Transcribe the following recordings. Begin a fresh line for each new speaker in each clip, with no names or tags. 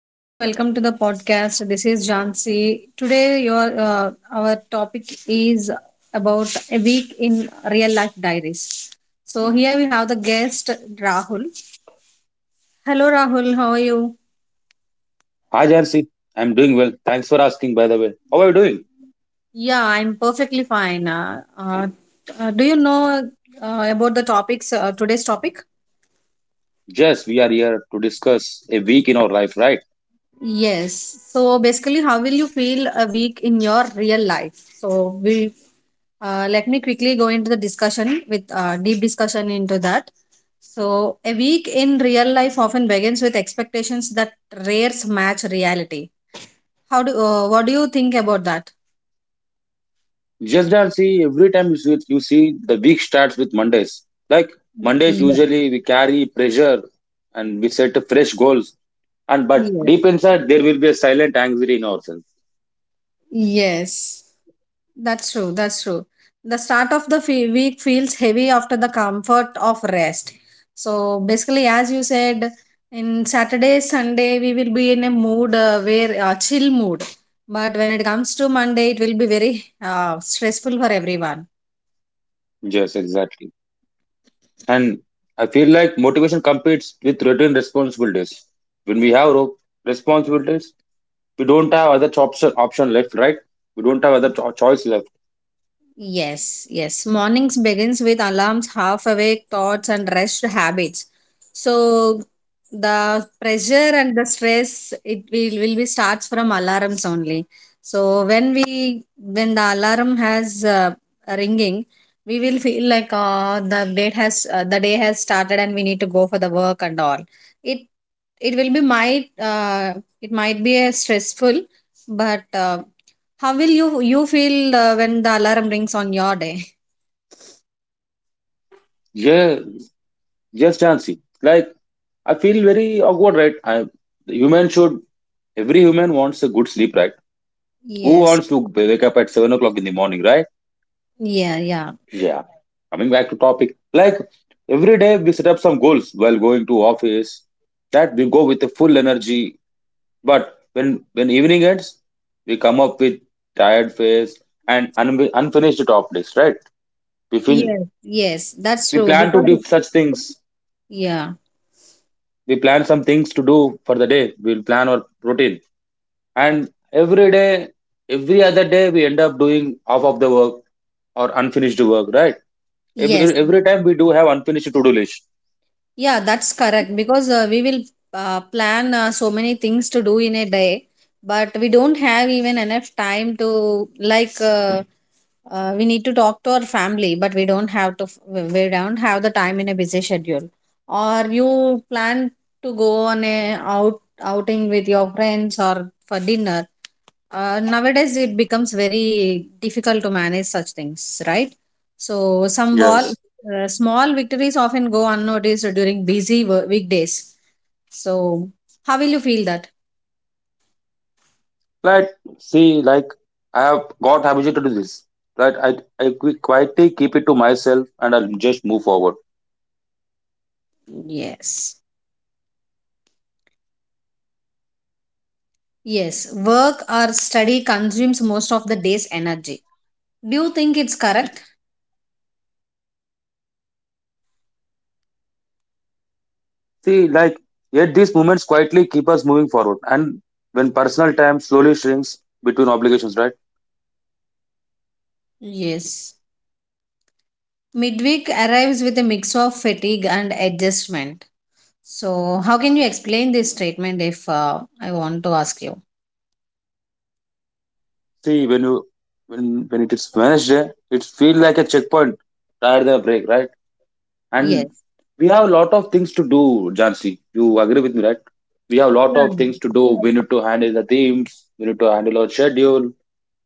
Hello, welcome to the podcast. This is Jansi. Today, your our topic is about a week in real life diaries. So here we have the guest Rahul. Hello, Rahul. How are you?
Hi Jansi, I'm doing well. Thanks for asking by the way. How are you doing?
Yeah, I'm perfectly fine. Do you know about the topics? Today's topic?
Yes, we are here to discuss a week in our life, right?
Yes. So basically, how will you feel a week in your real life? So we Let me quickly go into the discussion with deep discussion into that. So a week in real life often begins with expectations that rares match reality. How do What do you think about that?
Just Jansi, every time you see the week starts with Mondays. Like Mondays
Yeah.
usually we carry pressure and we set fresh goals. And but
Yes,
deep inside there will be a silent anxiety in ourselves.
Yes, that's true. That's true. The start of the week feels heavy after the comfort of rest. So basically, as you said, in Saturday, Sunday, we will be in a mood where chill mood. But when it comes to Monday, it will be very stressful for everyone.
Yes, exactly. And I feel like motivation competes with routine responsibilities. When we have responsibilities, we don't have other option left, right? We don't have other choice left.
Yes, yes. Mornings begins with alarms, half awake thoughts, and rest habits. So the pressure and the stress it will be starts from alarms only. So when the alarm has a ringing, we will feel like the day has started and we need to go for the work and all. It it will be might it might be a stressful, but how will you feel when the alarm rings on your day?
Yeah, yes, Jansi. Like I feel very awkward, right? I The human should every human wants a good sleep, right? Who
Yes.
wants to wake up at 7 o'clock in the morning, right?
Yeah, yeah.
Yeah. Coming back to topic, like every day we set up some goals while going to office. That we go with a full energy, but when evening ends, we come up with tired face and unfinished top list, right? We feel
Yes, yes. That's
we
true
plan to
because
do such things
yeah.
we plan some things to do for the day we'll plan our routine, and every day every other day we end up doing half of the work or unfinished work, right? every,
Yes.
every time we do have unfinished to-do list.
Yeah, that's correct because we will plan so many things to do in a day, but we don't have even enough time to like we need to talk to our family, but we don't have to we don't have the time in a busy schedule. Or you plan to go on a out outing with your friends or for dinner. Nowadays, it becomes very difficult to manage such things, right? So,
Yes,
small victories often go unnoticed during busy weekdays. So, how will you feel that?
like see like I have got habituated to do this, right? I quietly keep it to myself and I'll just move forward.
Yes. Yes. Work or study consumes most of the day's energy. Do you think it's correct?
See like yet these moments quietly keep us moving forward and when personal time slowly shrinks between obligations, right?
Yes. Midweek arrives with a mix of fatigue and adjustment. So, how can you explain this statement if I want to ask you?
See, when you when it is Wednesday, it feels like a checkpoint rather than a break, right? And
Yes.
we have a lot of things to do, Jansi. You agree with me, right? We have a lot of
Yeah.
things to do. We need to handle the teams. We need to handle our schedule.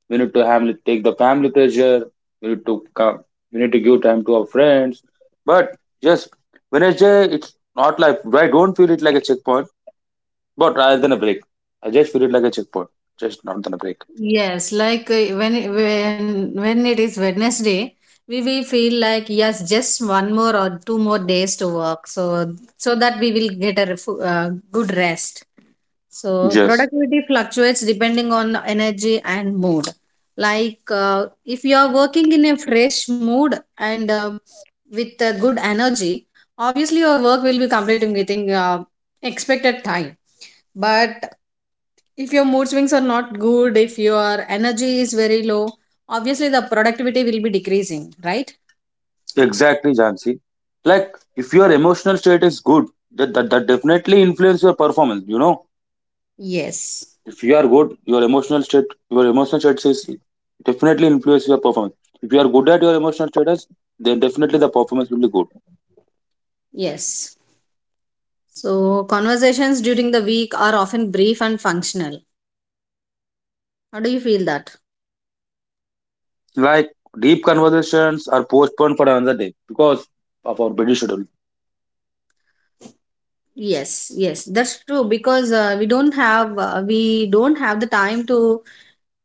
We need to handle, take the family pressure. We need to come. We need to give time to our friends. But just Wednesday, it's not like I don't feel it like a checkpoint, but rather than a break. I just feel it like a checkpoint, just not than a break.
Yes, like when it is Wednesday, we feel like yes, just one more or two more days to work, so that we will get a good rest. So
Yes.
productivity fluctuates depending on energy and mood. Like if you are working in a fresh mood and with good energy, obviously your work will be completed within expected time. But if your mood swings are not good, if your energy is very low, obviously the productivity will be decreasing, right?
Exactly, Jansi. Like, if your emotional state is good, that definitely influence your performance. You know,
Yes.
if you are good, your emotional state is definitely influence your performance. If you are good at your emotional status, then definitely the performance will be good.
Yes. So conversations during the week are often brief and functional. How do you feel that?
Like, deep conversations are postponed for another day because of our busy schedule.
Yes. Yes, that's true because we don't have the time to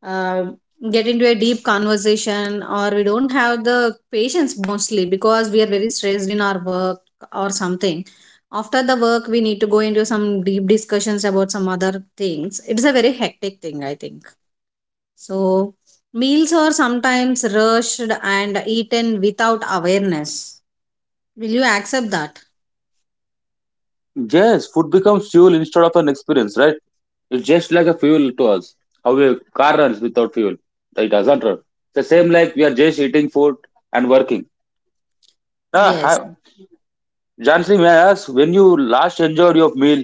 uh, get into a deep conversation, or we don't have the patience mostly because we are very stressed in our work or something. After the work we need to go into some deep discussions about some other things. It's a very hectic thing I think. So meals are sometimes rushed and eaten without awareness. Will you accept that?
Yes, food becomes fuel instead of an experience, right? It's just like a fuel to us. How a car runs without fuel, it doesn't run. The same like we are just eating food and working. Ah,
Yes.
ha- Jansi, may I ask when you last enjoyed your meal?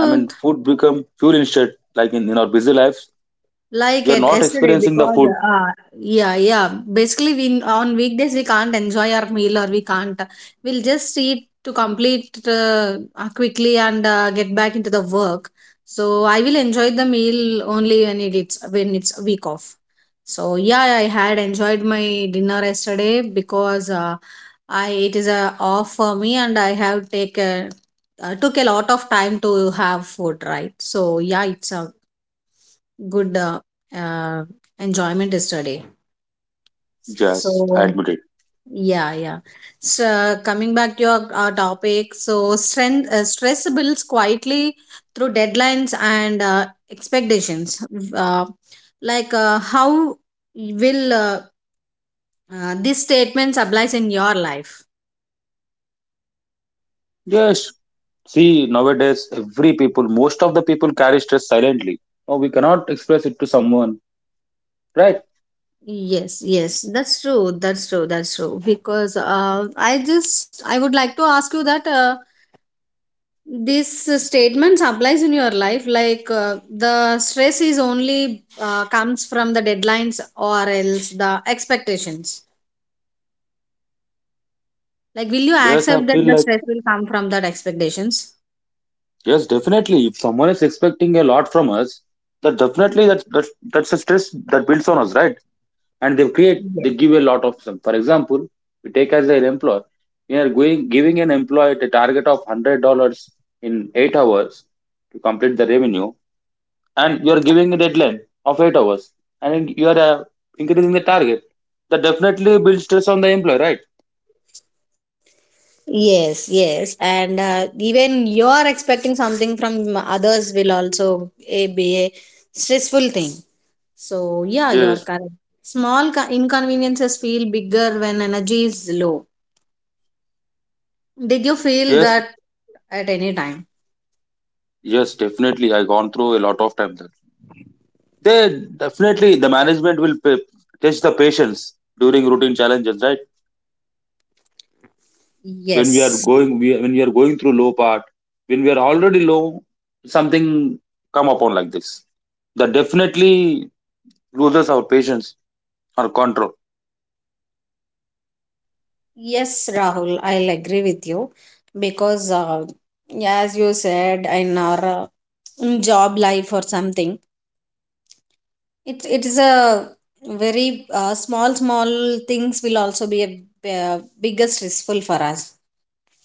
I mean, food become fuel instead. Like in our busy lives,
like
we are
at
not
yesterday
experiencing the
because
food.
uh, yeah, yeah, basically we on weekdays we can't enjoy our meal, or we can't we'll just eat to complete quickly and get back into the work. So I will enjoy the meal only when it's a week off. So yeah, I had enjoyed my dinner yesterday because I it is a off for me and I have taken took a lot of time to have food, right? So yeah, it's a good uh, enjoyment yesterday.
Yes, I
So
admit it.
yeah, yeah. So coming back to your topic, so strength stress builds quietly through deadlines and expectations. Uh, like how will These statements applies in your life?
Yes, see nowadays every people, most of the people carry stress silently. Oh, we cannot express it to someone, right?
Yes, yes, that's true. That's true. That's true. Because I would like to ask you that. This statements applies in your life, like the stress is only comes from the deadlines or else the expectations. Like will you
Yes, I
accept that
feel
the
like
stress will come from that expectations?
Yes, definitely. If someone is expecting a lot from us, that definitely that that's a stress that builds on us, right? And they create, they give a lot of them. For example, we take as an employer, we are going giving an employee a target of $100 in 8 hours to complete the revenue, and you are giving a deadline of 8 hours, and you are increasing the target. That definitely builds stress on the employer, right?
Yes, yes, and even you are expecting something from others will also be a stressful thing. So yeah, you're
Yes,
correct. Small inconveniences feel bigger when energy is low. Did you feel
yes,
that at any time?
yes, definitely. I gone through a lot of time. They definitely the management will test the patience during routine challenges, right? When we are
Yes,
going, we, when we are going through low part, when we are already low, something come upon like this. That definitely loses our patience or control.
yes, Rahul, I'll agree with you because, as you said, in our in job life or something, it is a very small small things will also be a bigger stressful for us.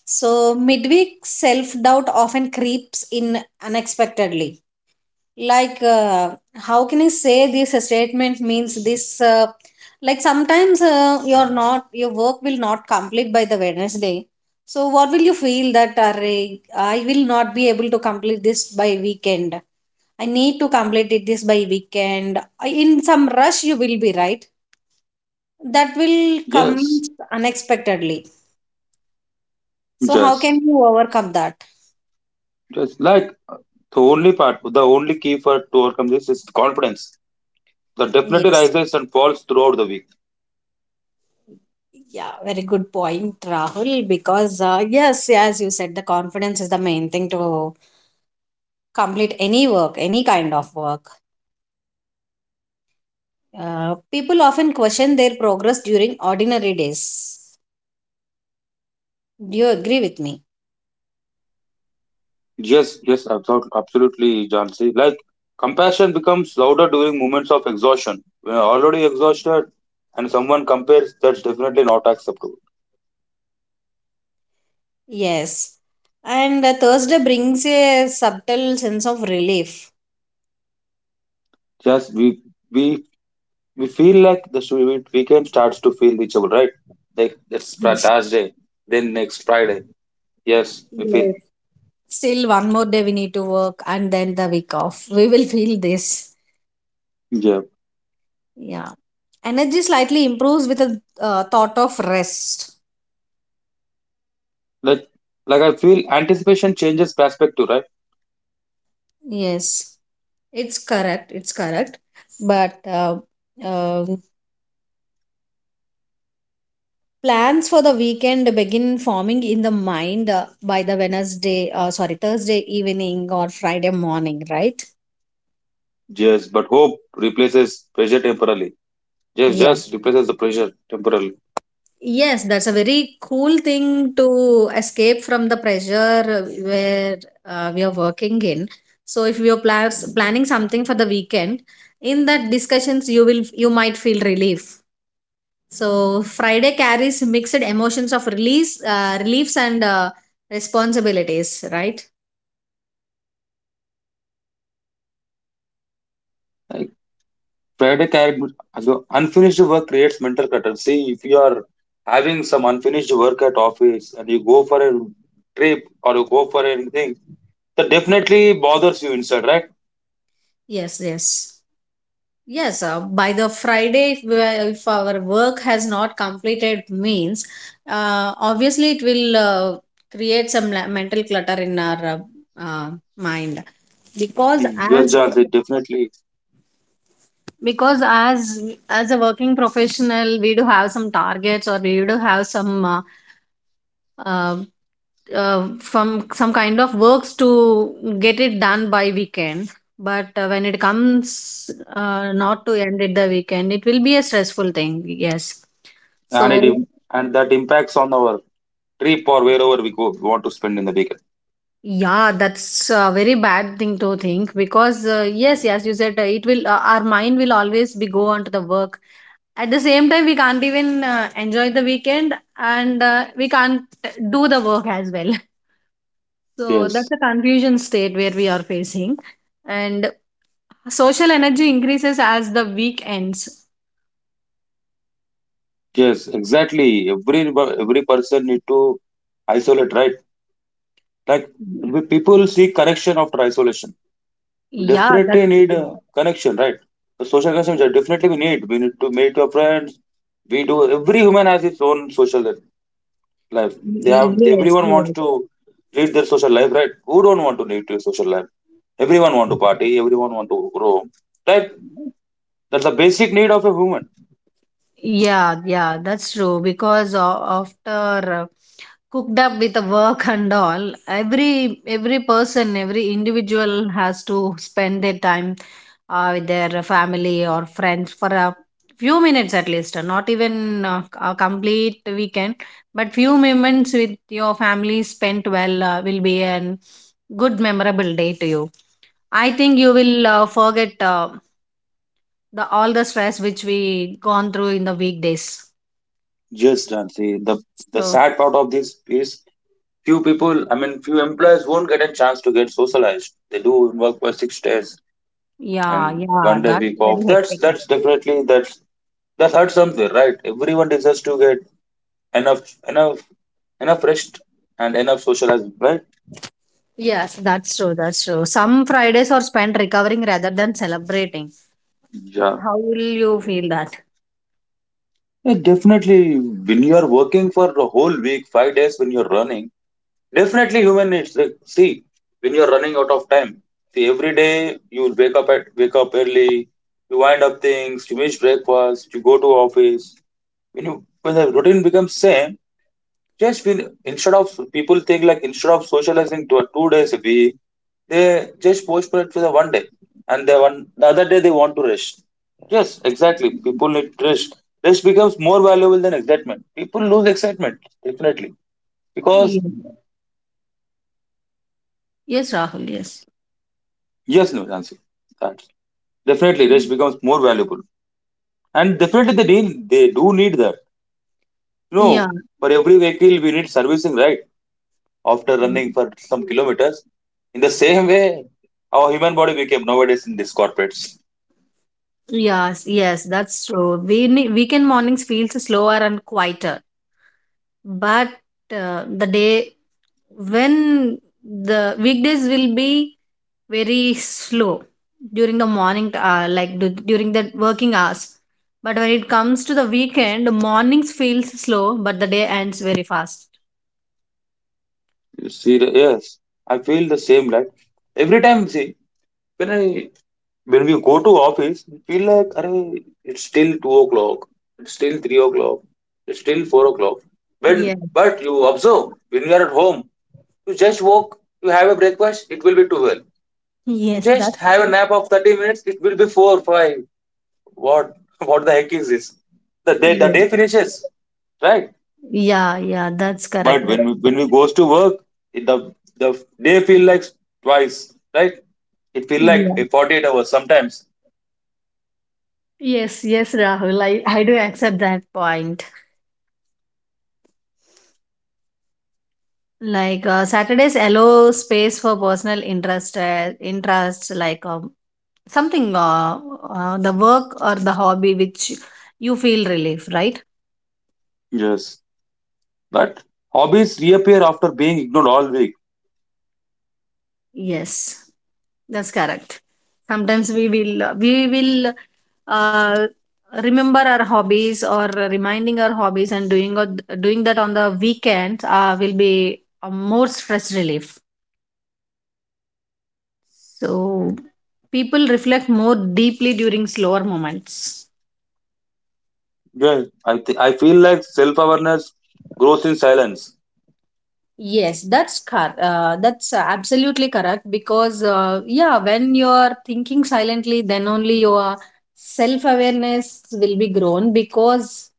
So midweek self doubt often creeps in unexpectedly. Like how can I say this statement means this like sometimes you're not your work will not complete by the Wednesday. So what will you feel that, "Arre, I will not be able to complete this by weekend, I need to complete it this by weekend." In some rush you will be, right? That will come
Yes,
unexpectedly. So how
yes,
can you overcome that?
yes. Like the only part, the only key for to overcome this is confidence. That definitely
Yes.
rises and falls throughout the week.
Yeah, very good point, Rahul. Because, yes, as you said, the confidence is the main thing to complete any work, any kind of work. People often question their progress during ordinary days. Do you agree with me?
Yes, yes, absolutely, absolutely, Jansi. Like compassion becomes louder during moments of exhaustion. When you're already exhausted, and someone compares, that's definitely not acceptable.
Yes. And Thursday brings a subtle sense of relief.
Just we we feel like the weekend starts to feel reachable, right? Like it's Thursday, then next Friday. Yes, we
Yes.
feel.
Still, one more day we need to work, and then the week off. We will feel this.
Yeah,
Yeah. Energy slightly improves with a thought of rest.
like like I feel anticipation changes perspective, right?
Yes. It's correct. It's correct. But uh, plans for the weekend begin forming in the mind by the Wednesday, sorry, Thursday evening or Friday morning, right?
Yes, but hope replaces pressure temporarily. Yes,
Yeah.
just replaces the pressure temporarily.
Yes, that's a very cool thing to escape from the pressure where we are working in. So if you're plans planning something for the weekend, in that discussions you might feel relief. So Friday carries mixed emotions of release, reliefs, and responsibilities. Right?
Friday character, so unfinished work creates mental clutter. See, if you are having some unfinished work at office and you go for a trip or you go for anything, that definitely bothers you inside, right?
Yes. Yes. Yes. By the Friday, if our work has not completed, means obviously it will create some mental clutter in our uh, mind. because
Yes,
as
John, it definitely,
because as a working professional we do have some targets, or we do have some uh, from some kind of works to get it done by weekend. But when it comes not to end it the weekend, it will be a stressful thing, yes.
and
So
that impacts on our trip or wherever we go, we want to spend in the weekend.
yeah, that's a very bad thing to think because yes, yes, you said it will our mind will always be go on to the work. At the same time we can't even enjoy the weekend and we can't do the work as well. So
Yes,
that's a confusion state where we are facing. And social energy increases as the week ends.
yes, exactly. Every person need to isolate, right? Like people seek correction after isolation. We
Yeah, that's
definitely need a connection, right? The social connection which definitely we need. We need to meet your friends. We do. Every human has its own social life. They have.
yes,
Everyone
yes.
wants to lead their social life, right? Who don't want to lead their social life? Everyone want to party. Everyone want to grow, right? That's the basic need of a human.
Yeah, yeah, that's true. Because after cooked up with the work and all, every person, every individual has to spend their time with their family or friends for a few minutes at least. Not even a complete weekend, but few moments with your family spent well will be an good memorable day to you. I think you will forget the all the stress which we gone through in the weekdays.
Just and see the
So,
sad part of this is few people. I mean, few employees won't get a chance to get socialized. They do work for 6 days
yeah,
and
yeah,
one day
that's
week
very
off. That's
hectic.
definitely that hurts somewhere, right? Everyone deserves to get enough enough enough rest and enough socializing, right?
Yes, that's true. That's true. Some Fridays are spent recovering rather than celebrating.
Yeah.
How will you feel that?
Yeah, definitely. When you are working for a whole week, 5 days, when you're running, definitely human needs. Like, see, when you're running out of time, see every day you wake up at wake up early, you wind up things, you miss breakfast, you go to office. When you when the routine becomes same, just feel instead of people think like instead of socializing two, 2 days a week, they just postpone it for the one day, and the one the other day they want to rest. Yes, exactly. People need rest. Rest becomes more valuable than excitement. People lose excitement definitely because
Yeah. Yes, Rahul. Yes.
yes, no, Nancy, that definitely rest
Mhm.
becomes more valuable, and definitely they need they do need that.
Yeah.
No, for every vehicle we need servicing, right? After running
Mm.
for some kilometers. In the same way, our human body became nowadays in these corporates.
Yes. Yes, that's true. Weekend mornings feels slower and quieter, but the day when the weekdays will be very slow during the morning like during the working hours, but when it comes to the weekend, mornings feels slow but the day ends very fast.
You see, yes, I feel the same. Like every time, see, when I when we go to office, we feel like, "Arey, it's still 2 o'clock, it's still 3 o'clock, it's still 4 o'clock." When
Yes,
but you observe when you are at home, you just walk, you have a breakfast, it will be twelve. You
yes,
just
that's
have a
true.
nap of 30 minutes, it will be four, five. What what the heck is this? The day
Yes.
finishes, right?
yeah yeah that's
But
correct, that's
when we goes to work, it, the day feel like twice, right? It feel like
yeah,
a 48 hours sometimes.
yes, yes, Rahul, I do accept that point. Like Saturdays allow space for personal interests like something the work or the hobby which you feel relief, right?
Yes. But hobbies reappear after being ignored all week.
Yes, that's correct. Sometimes we will uh, remember our hobbies or reminding our hobbies, and doing or doing that on the weekends will be a more stress relief. So people reflect more deeply during slower moments.
Yeah. I feel like self awareness grows in silence.
Yes, that's absolutely correct because yeah, when you are thinking silently, then only your self awareness will be grown because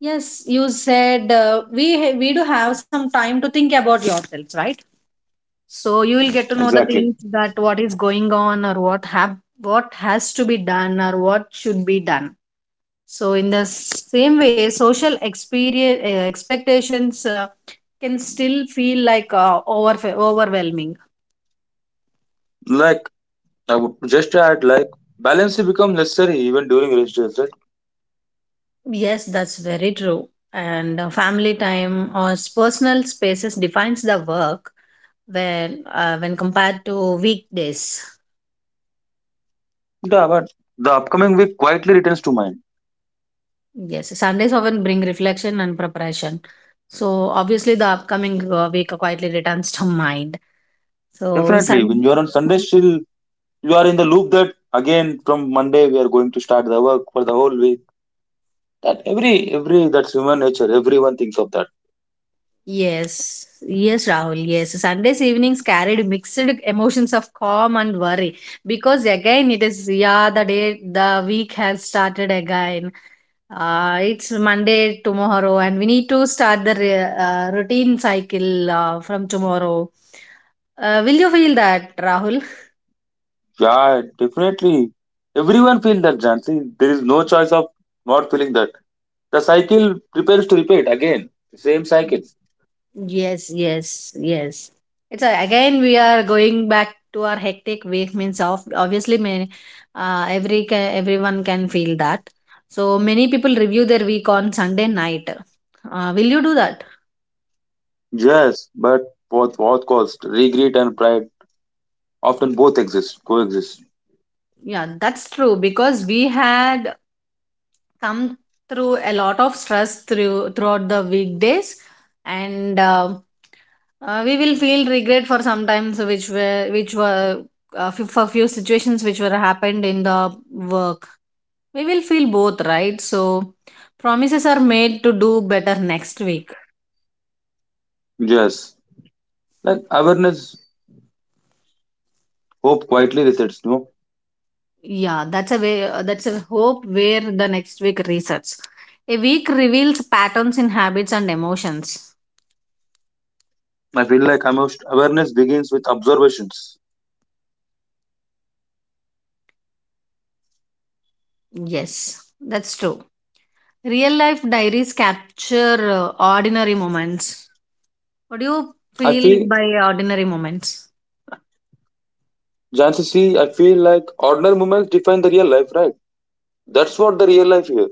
yes, you said we do have some time to think about yourselves, right? So you will get to know the
Exactly.
things that what is going on or what has to be done or what should be done. So in the same way, social experience expectations can still feel like overwhelming.
Like I would just add like balance becomes necessary even during rest days, right?
Yes, that's very true. And family time or personal spaces defines the work when compared to weekdays.
Yeah, but the upcoming week quietly returns to mind.
Yes, Sundays often bring reflection and preparation. So obviously, the upcoming week quietly returns to mind. So
Definitely, when
sun,
you are on Sunday, still you are in the loop that again from Monday we are going to start the work for the whole week. That every that's human nature. Everyone thinks of that.
yes, yes, Rahul, yes. Sundays evenings carried mixed emotions of calm and worry because again it is, yeah, the day the week has started again. It's Monday tomorrow, and we need to start the routine cycle from tomorrow. Will you feel that, Rahul?
Yeah, definitely. Everyone feels that, Jansi. There is no choice of not feeling that. The cycle prepares to repeat again. The same cycle.
Yes, yes, yes. Again we are going back to our hectic week means of obviously many, everyone can feel that. So many people review their week on Sunday night. Will you do that?
Yes, but both cost, regret and pride often both exist, coexist.
Yeah, that's true because we had come through a lot of stress throughout the weekdays, and we will feel regret for sometimes which were for few situations which were happened in the work. We will feel both, right? So promises are made to do better next week.
Yes, like awareness, hope quietly resets. No,
Yeah, that's a way that's a hope where the next week resets. A week reveals patterns in habits and emotions.
I feel like awareness begins with observations.
Yes, that's true. Real life diaries capture ordinary moments. What do you
I
feel
feel,
by ordinary moments?
Jansi, see, I feel like ordinary moments define the real life, right? That's what the real life here.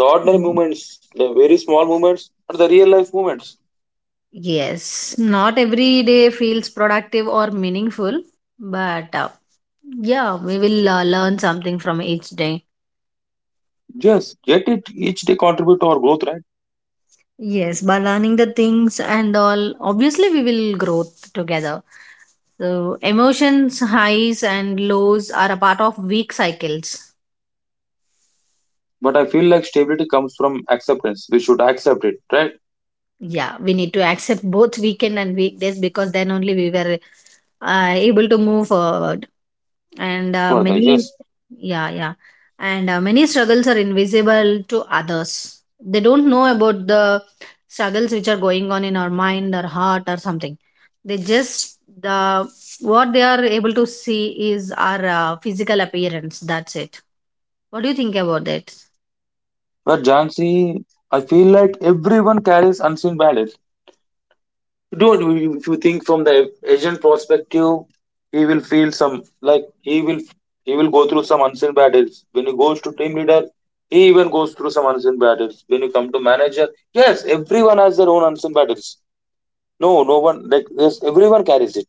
The ordinary
Yeah.
moments, the very small moments, are the real life moments.
Yes, not every day feels productive or meaningful, but yeah, we will learn something from each day.
Yes, yet it each day contribute to our growth, right?
Yes, by learning the things and all, obviously, we will grow together. So, emotions, highs, and lows are a part of week cycles.
But I feel like stability comes from acceptance. We should accept it, right?
Yeah, we need to accept both weekend and weekdays because then only we were able to move forward, and
Further,
many.
yes.
Yeah, yeah. And many struggles are invisible to others. They don't know about the struggles which are going on in our mind or heart or something. They just the What they are able to see is our physical appearance, that's it. What do you think about that?
But Jansi, I feel like everyone carries unseen battles. Don't you- If you think from the agent perspective, he will feel some like he will go through some unseen battles when he goes to team leader, he even goes through some unseen battles when you come to manager. Yes, everyone has their own unseen battles. No, no one like yes everyone carries it.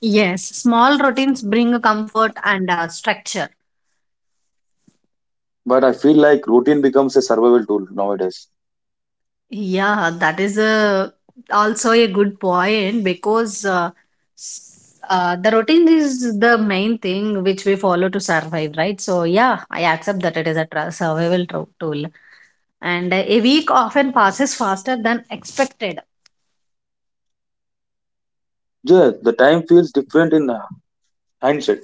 Yes, small routines bring a comfort and structure.
But I feel like routine becomes a survival tool nowadays.
Yeah, that is a also a good point because the routine is the main thing which we follow to survive, right? So yeah, I accept that it is a survival tool, and a week often passes faster than expected.
Yeah, the time feels different in hindsight.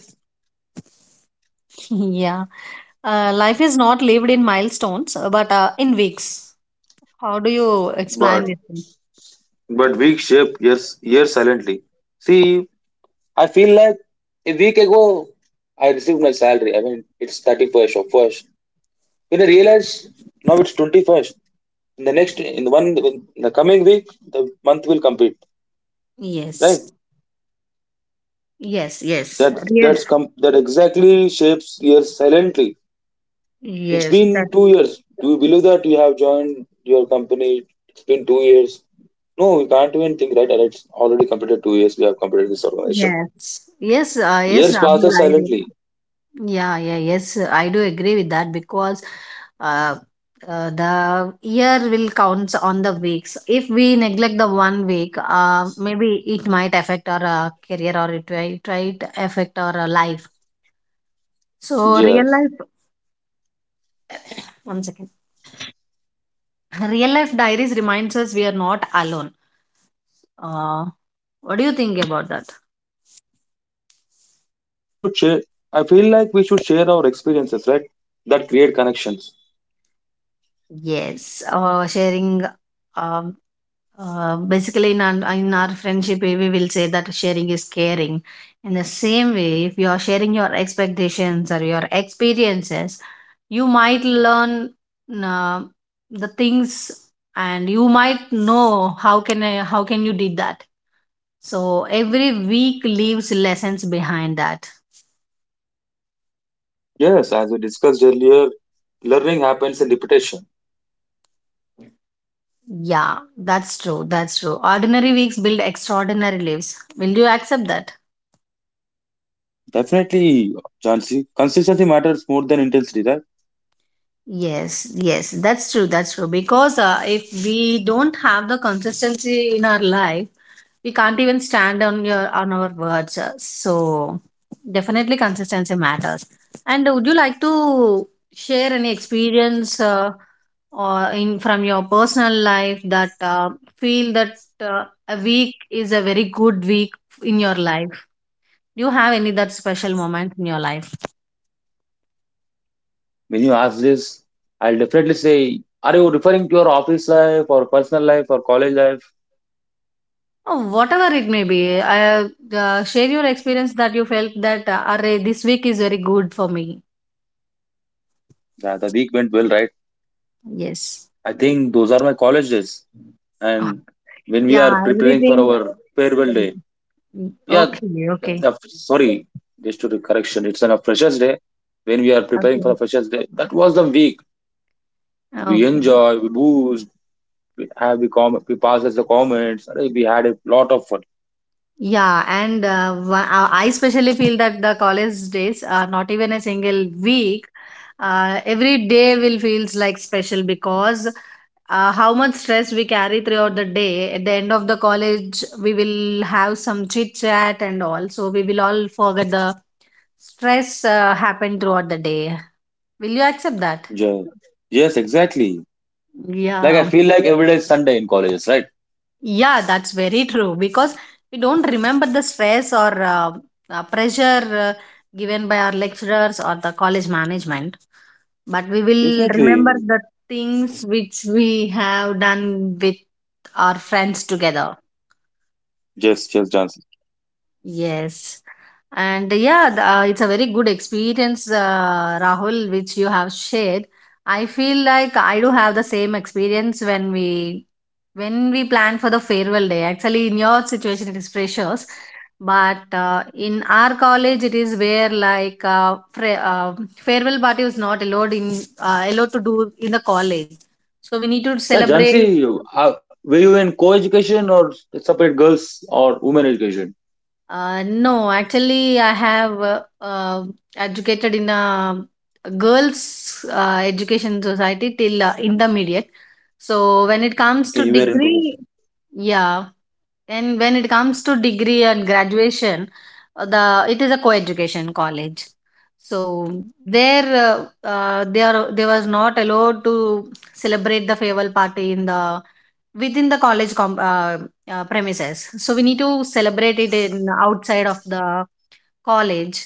Yeah, life is not lived in milestones, but in weeks. How do you explain
but
this? Thing?
but weeks shape years years silently. See, I feel like a week ago I received my salary. I mean, it's 31st or 1st. When I realized now it's 21st, in the next, in the one, in the coming week, the month will complete. Right?
Yes, yes, yes,
That
yeah.
that exactly shapes years silently. It's
Yes.
been 2 years. Do you believe that you have joined your company? It's been 2 years. No, we can't even think right. And it's already completed 2 years. We have completed this organization.
Yes, yes, yes,
Years
Rahul,
passes
I do.
silently.
Yeah, yeah, yes, I do agree with that because uh, the year will count on the weeks. If we neglect the one week, maybe it might affect our career, or it might affect our life. So, real
Yes.
life, one second. Real life diaries reminds us we are not alone. Uh, what do you think about that?
We should share. I feel like we should share our experiences, right? That create connections.
Yes, sharing. um Basically, in our friendship, we will say that sharing is caring. In the same way, if you are sharing your expectations or your experiences, you might learn uh, the things, and you might know how can you did that. So every week leaves lessons behind that.
Yes, as we discussed earlier, learning happens in repetition.
Yeah, that's true. That's true. Ordinary weeks build extraordinary lives. Will you accept that?
Definitely, Jansi. Consistency matters more than intensity, right?
Yes, yes, that's true. That's true. Because if we don't have the consistency in our life, we can't even stand on your on our words. So definitely consistency matters. And would you like to share any experience or in from your personal life that feel that a week is a very good week in your life? Do you have any that special moment in your life?
When you ask this, I'll definitely say, are you referring to your office life or personal life or college life?
Oh, whatever it may be, share your experience that you felt that, "Arre, this week is very good for me."
Yeah, the week went well, right?
Yes.
I think those are my college days.
Ah,
And when we
yeah,
are preparing for
everything.
our farewell day,
Mm, mm.
yeah,
Okay, okay,
sorry, just to the correction, it's on a Freshers Day. When we are preparing for
okay,
a Freshers Day, that was the week we
okay.
enjoy, we boost, we have we comment, we pass as the comments. Arey, we had a lot of fun.
Yeah, and I especially feel that the college days are not even a single week. Every day will feels like special because how much stress we carry throughout the day. At the end of the college, we will have some chit chat and all, so we will all forget the stress happened throughout the day. Will you accept that?
Yeah. Yes, exactly. Like I
Yeah.
feel like every day is Sunday in colleges, right?
Yeah, that's very true because we don't remember the stress or pressure given by our lecturers or the college management, but we will remember
Definitely.
the things which we have done with our friends together.
Yes, yes, Johnson.
Yes. And yeah, it's a very good experience, Rahul, which you have shared. I feel like I do have the same experience when we plan for the farewell day. Actually, in your situation, it is freshers, but in our college, it is where farewell party was not allowed in allowed to do in the college. So we need to
Yeah,
celebrate.
Jansi, were you in co-education or separate girls or women education?
No, actually, I have educated in a girls' education society till intermediate. So when it comes
Okay,
to
you were into.
degree, yeah, and when it comes to degree and graduation, the it is a co-education college. So there, they was not allowed to celebrate the farewell party in the within the college premises. So we need to celebrate it in outside of the college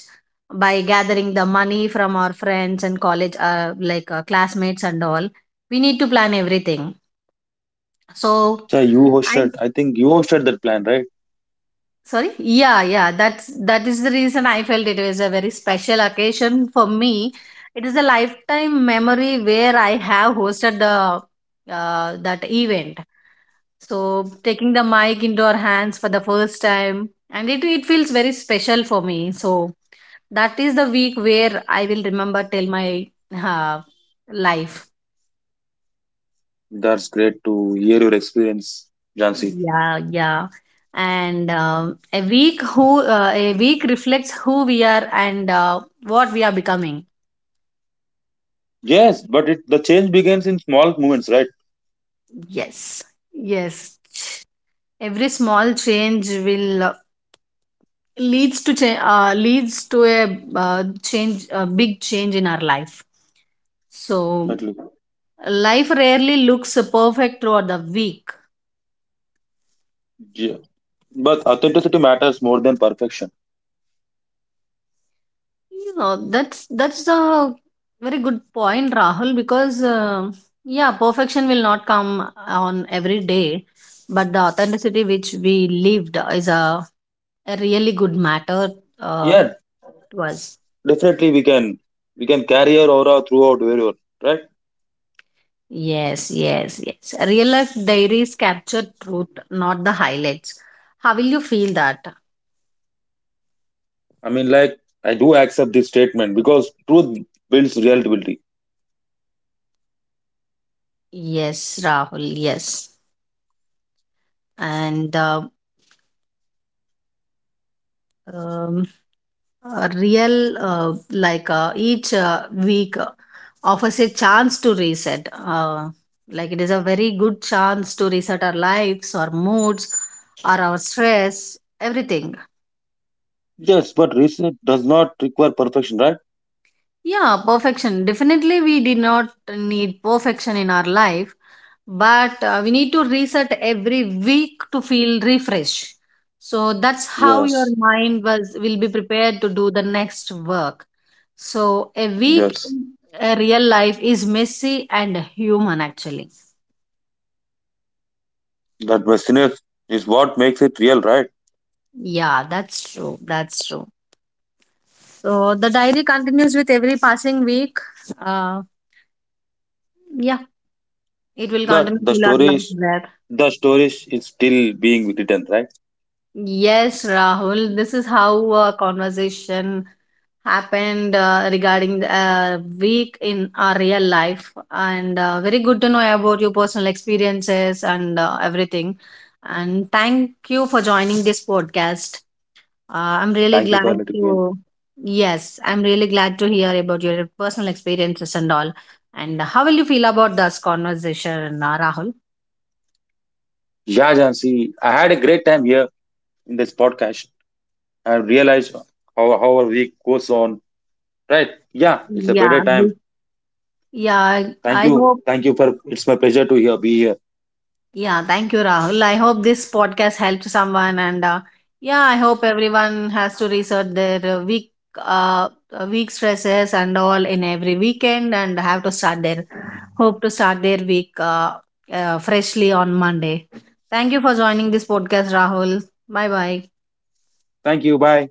by gathering the money from our friends and college, like classmates and all. We need to plan everything. So
Yeah, you hosted. I think you hosted that plan, right?
sorry. Yeah, yeah, that is the reason I felt it was a very special occasion for me. It is a lifetime memory where I have hosted the that event. So taking the mic into our hands for the first time, and it feels very special for me. So that is the week where I will remember till my uh, life.
That's great to hear your experience, Jansi.
Yeah, yeah. And a week reflects who we are and what we are becoming.
Yes, but it, the change begins in small moments, right?
Yes, yes. Every small change will leads to a change a big change in our life. So
Actually,
life rarely looks perfect throughout the week.
yeah. But authenticity matters more than perfection.
Yeah, that's a very good point, Rahul, because yeah, perfection will not come on every day, but the authenticity which we lived is a really good matter uh,
Yeah,
to us.
definitely we can carry our aura throughout wherever, right.
Yes, yes, yes. Real life diaries capture truth, not the highlights. How will you feel that?
I mean, like I do accept this statement because truth builds reality.
Yes, Rahul, yes. And um, a real like each week offers a chance to reset. It is a very good chance to reset our lives, our moods, or our stress, everything.
Yes, but reset does not require perfection, right?
Yeah, perfection definitely we did not need perfection in our life, but we need to reset every week to feel refresh, so that's how your
Yes,
mind was will be prepared to do the next work. So a week
yes.
in a real life is messy and human actually.
That messiness is what makes it real, right?
Yeah, that's true, that's true. So the diary continues with every passing week, uh yeah, it will
But
continue
the
till our
story
life,
is
well.
The story is still being written, right?
Yes, Rahul, this is how a conversation happened regarding the week in our real life. And very good to know about your personal experiences and everything. And thank you for joining this podcast. Uh, I'm really
Thank you
glad
for letting me in.
to, yes, I'm really glad to, hear about your personal experiences and all. And how will you feel about this conversation, Rahul?
Yeah, Jansi, I had a great time here in this podcast. I realized how our week goes on. Right? Yeah, it's a better
Yeah,
time.
yeah, I
Thank
I
you.
hope.
Thank you for it's my pleasure to here, be here.
Yeah, thank you, Rahul. I hope this podcast helps someone, and yeah, I hope everyone has to research their uh, week stresses and all in every weekend, and have to start their hope to start their week freshly on Monday. Thank you for joining this podcast, Rahul. Bye bye.
Thank you. Bye.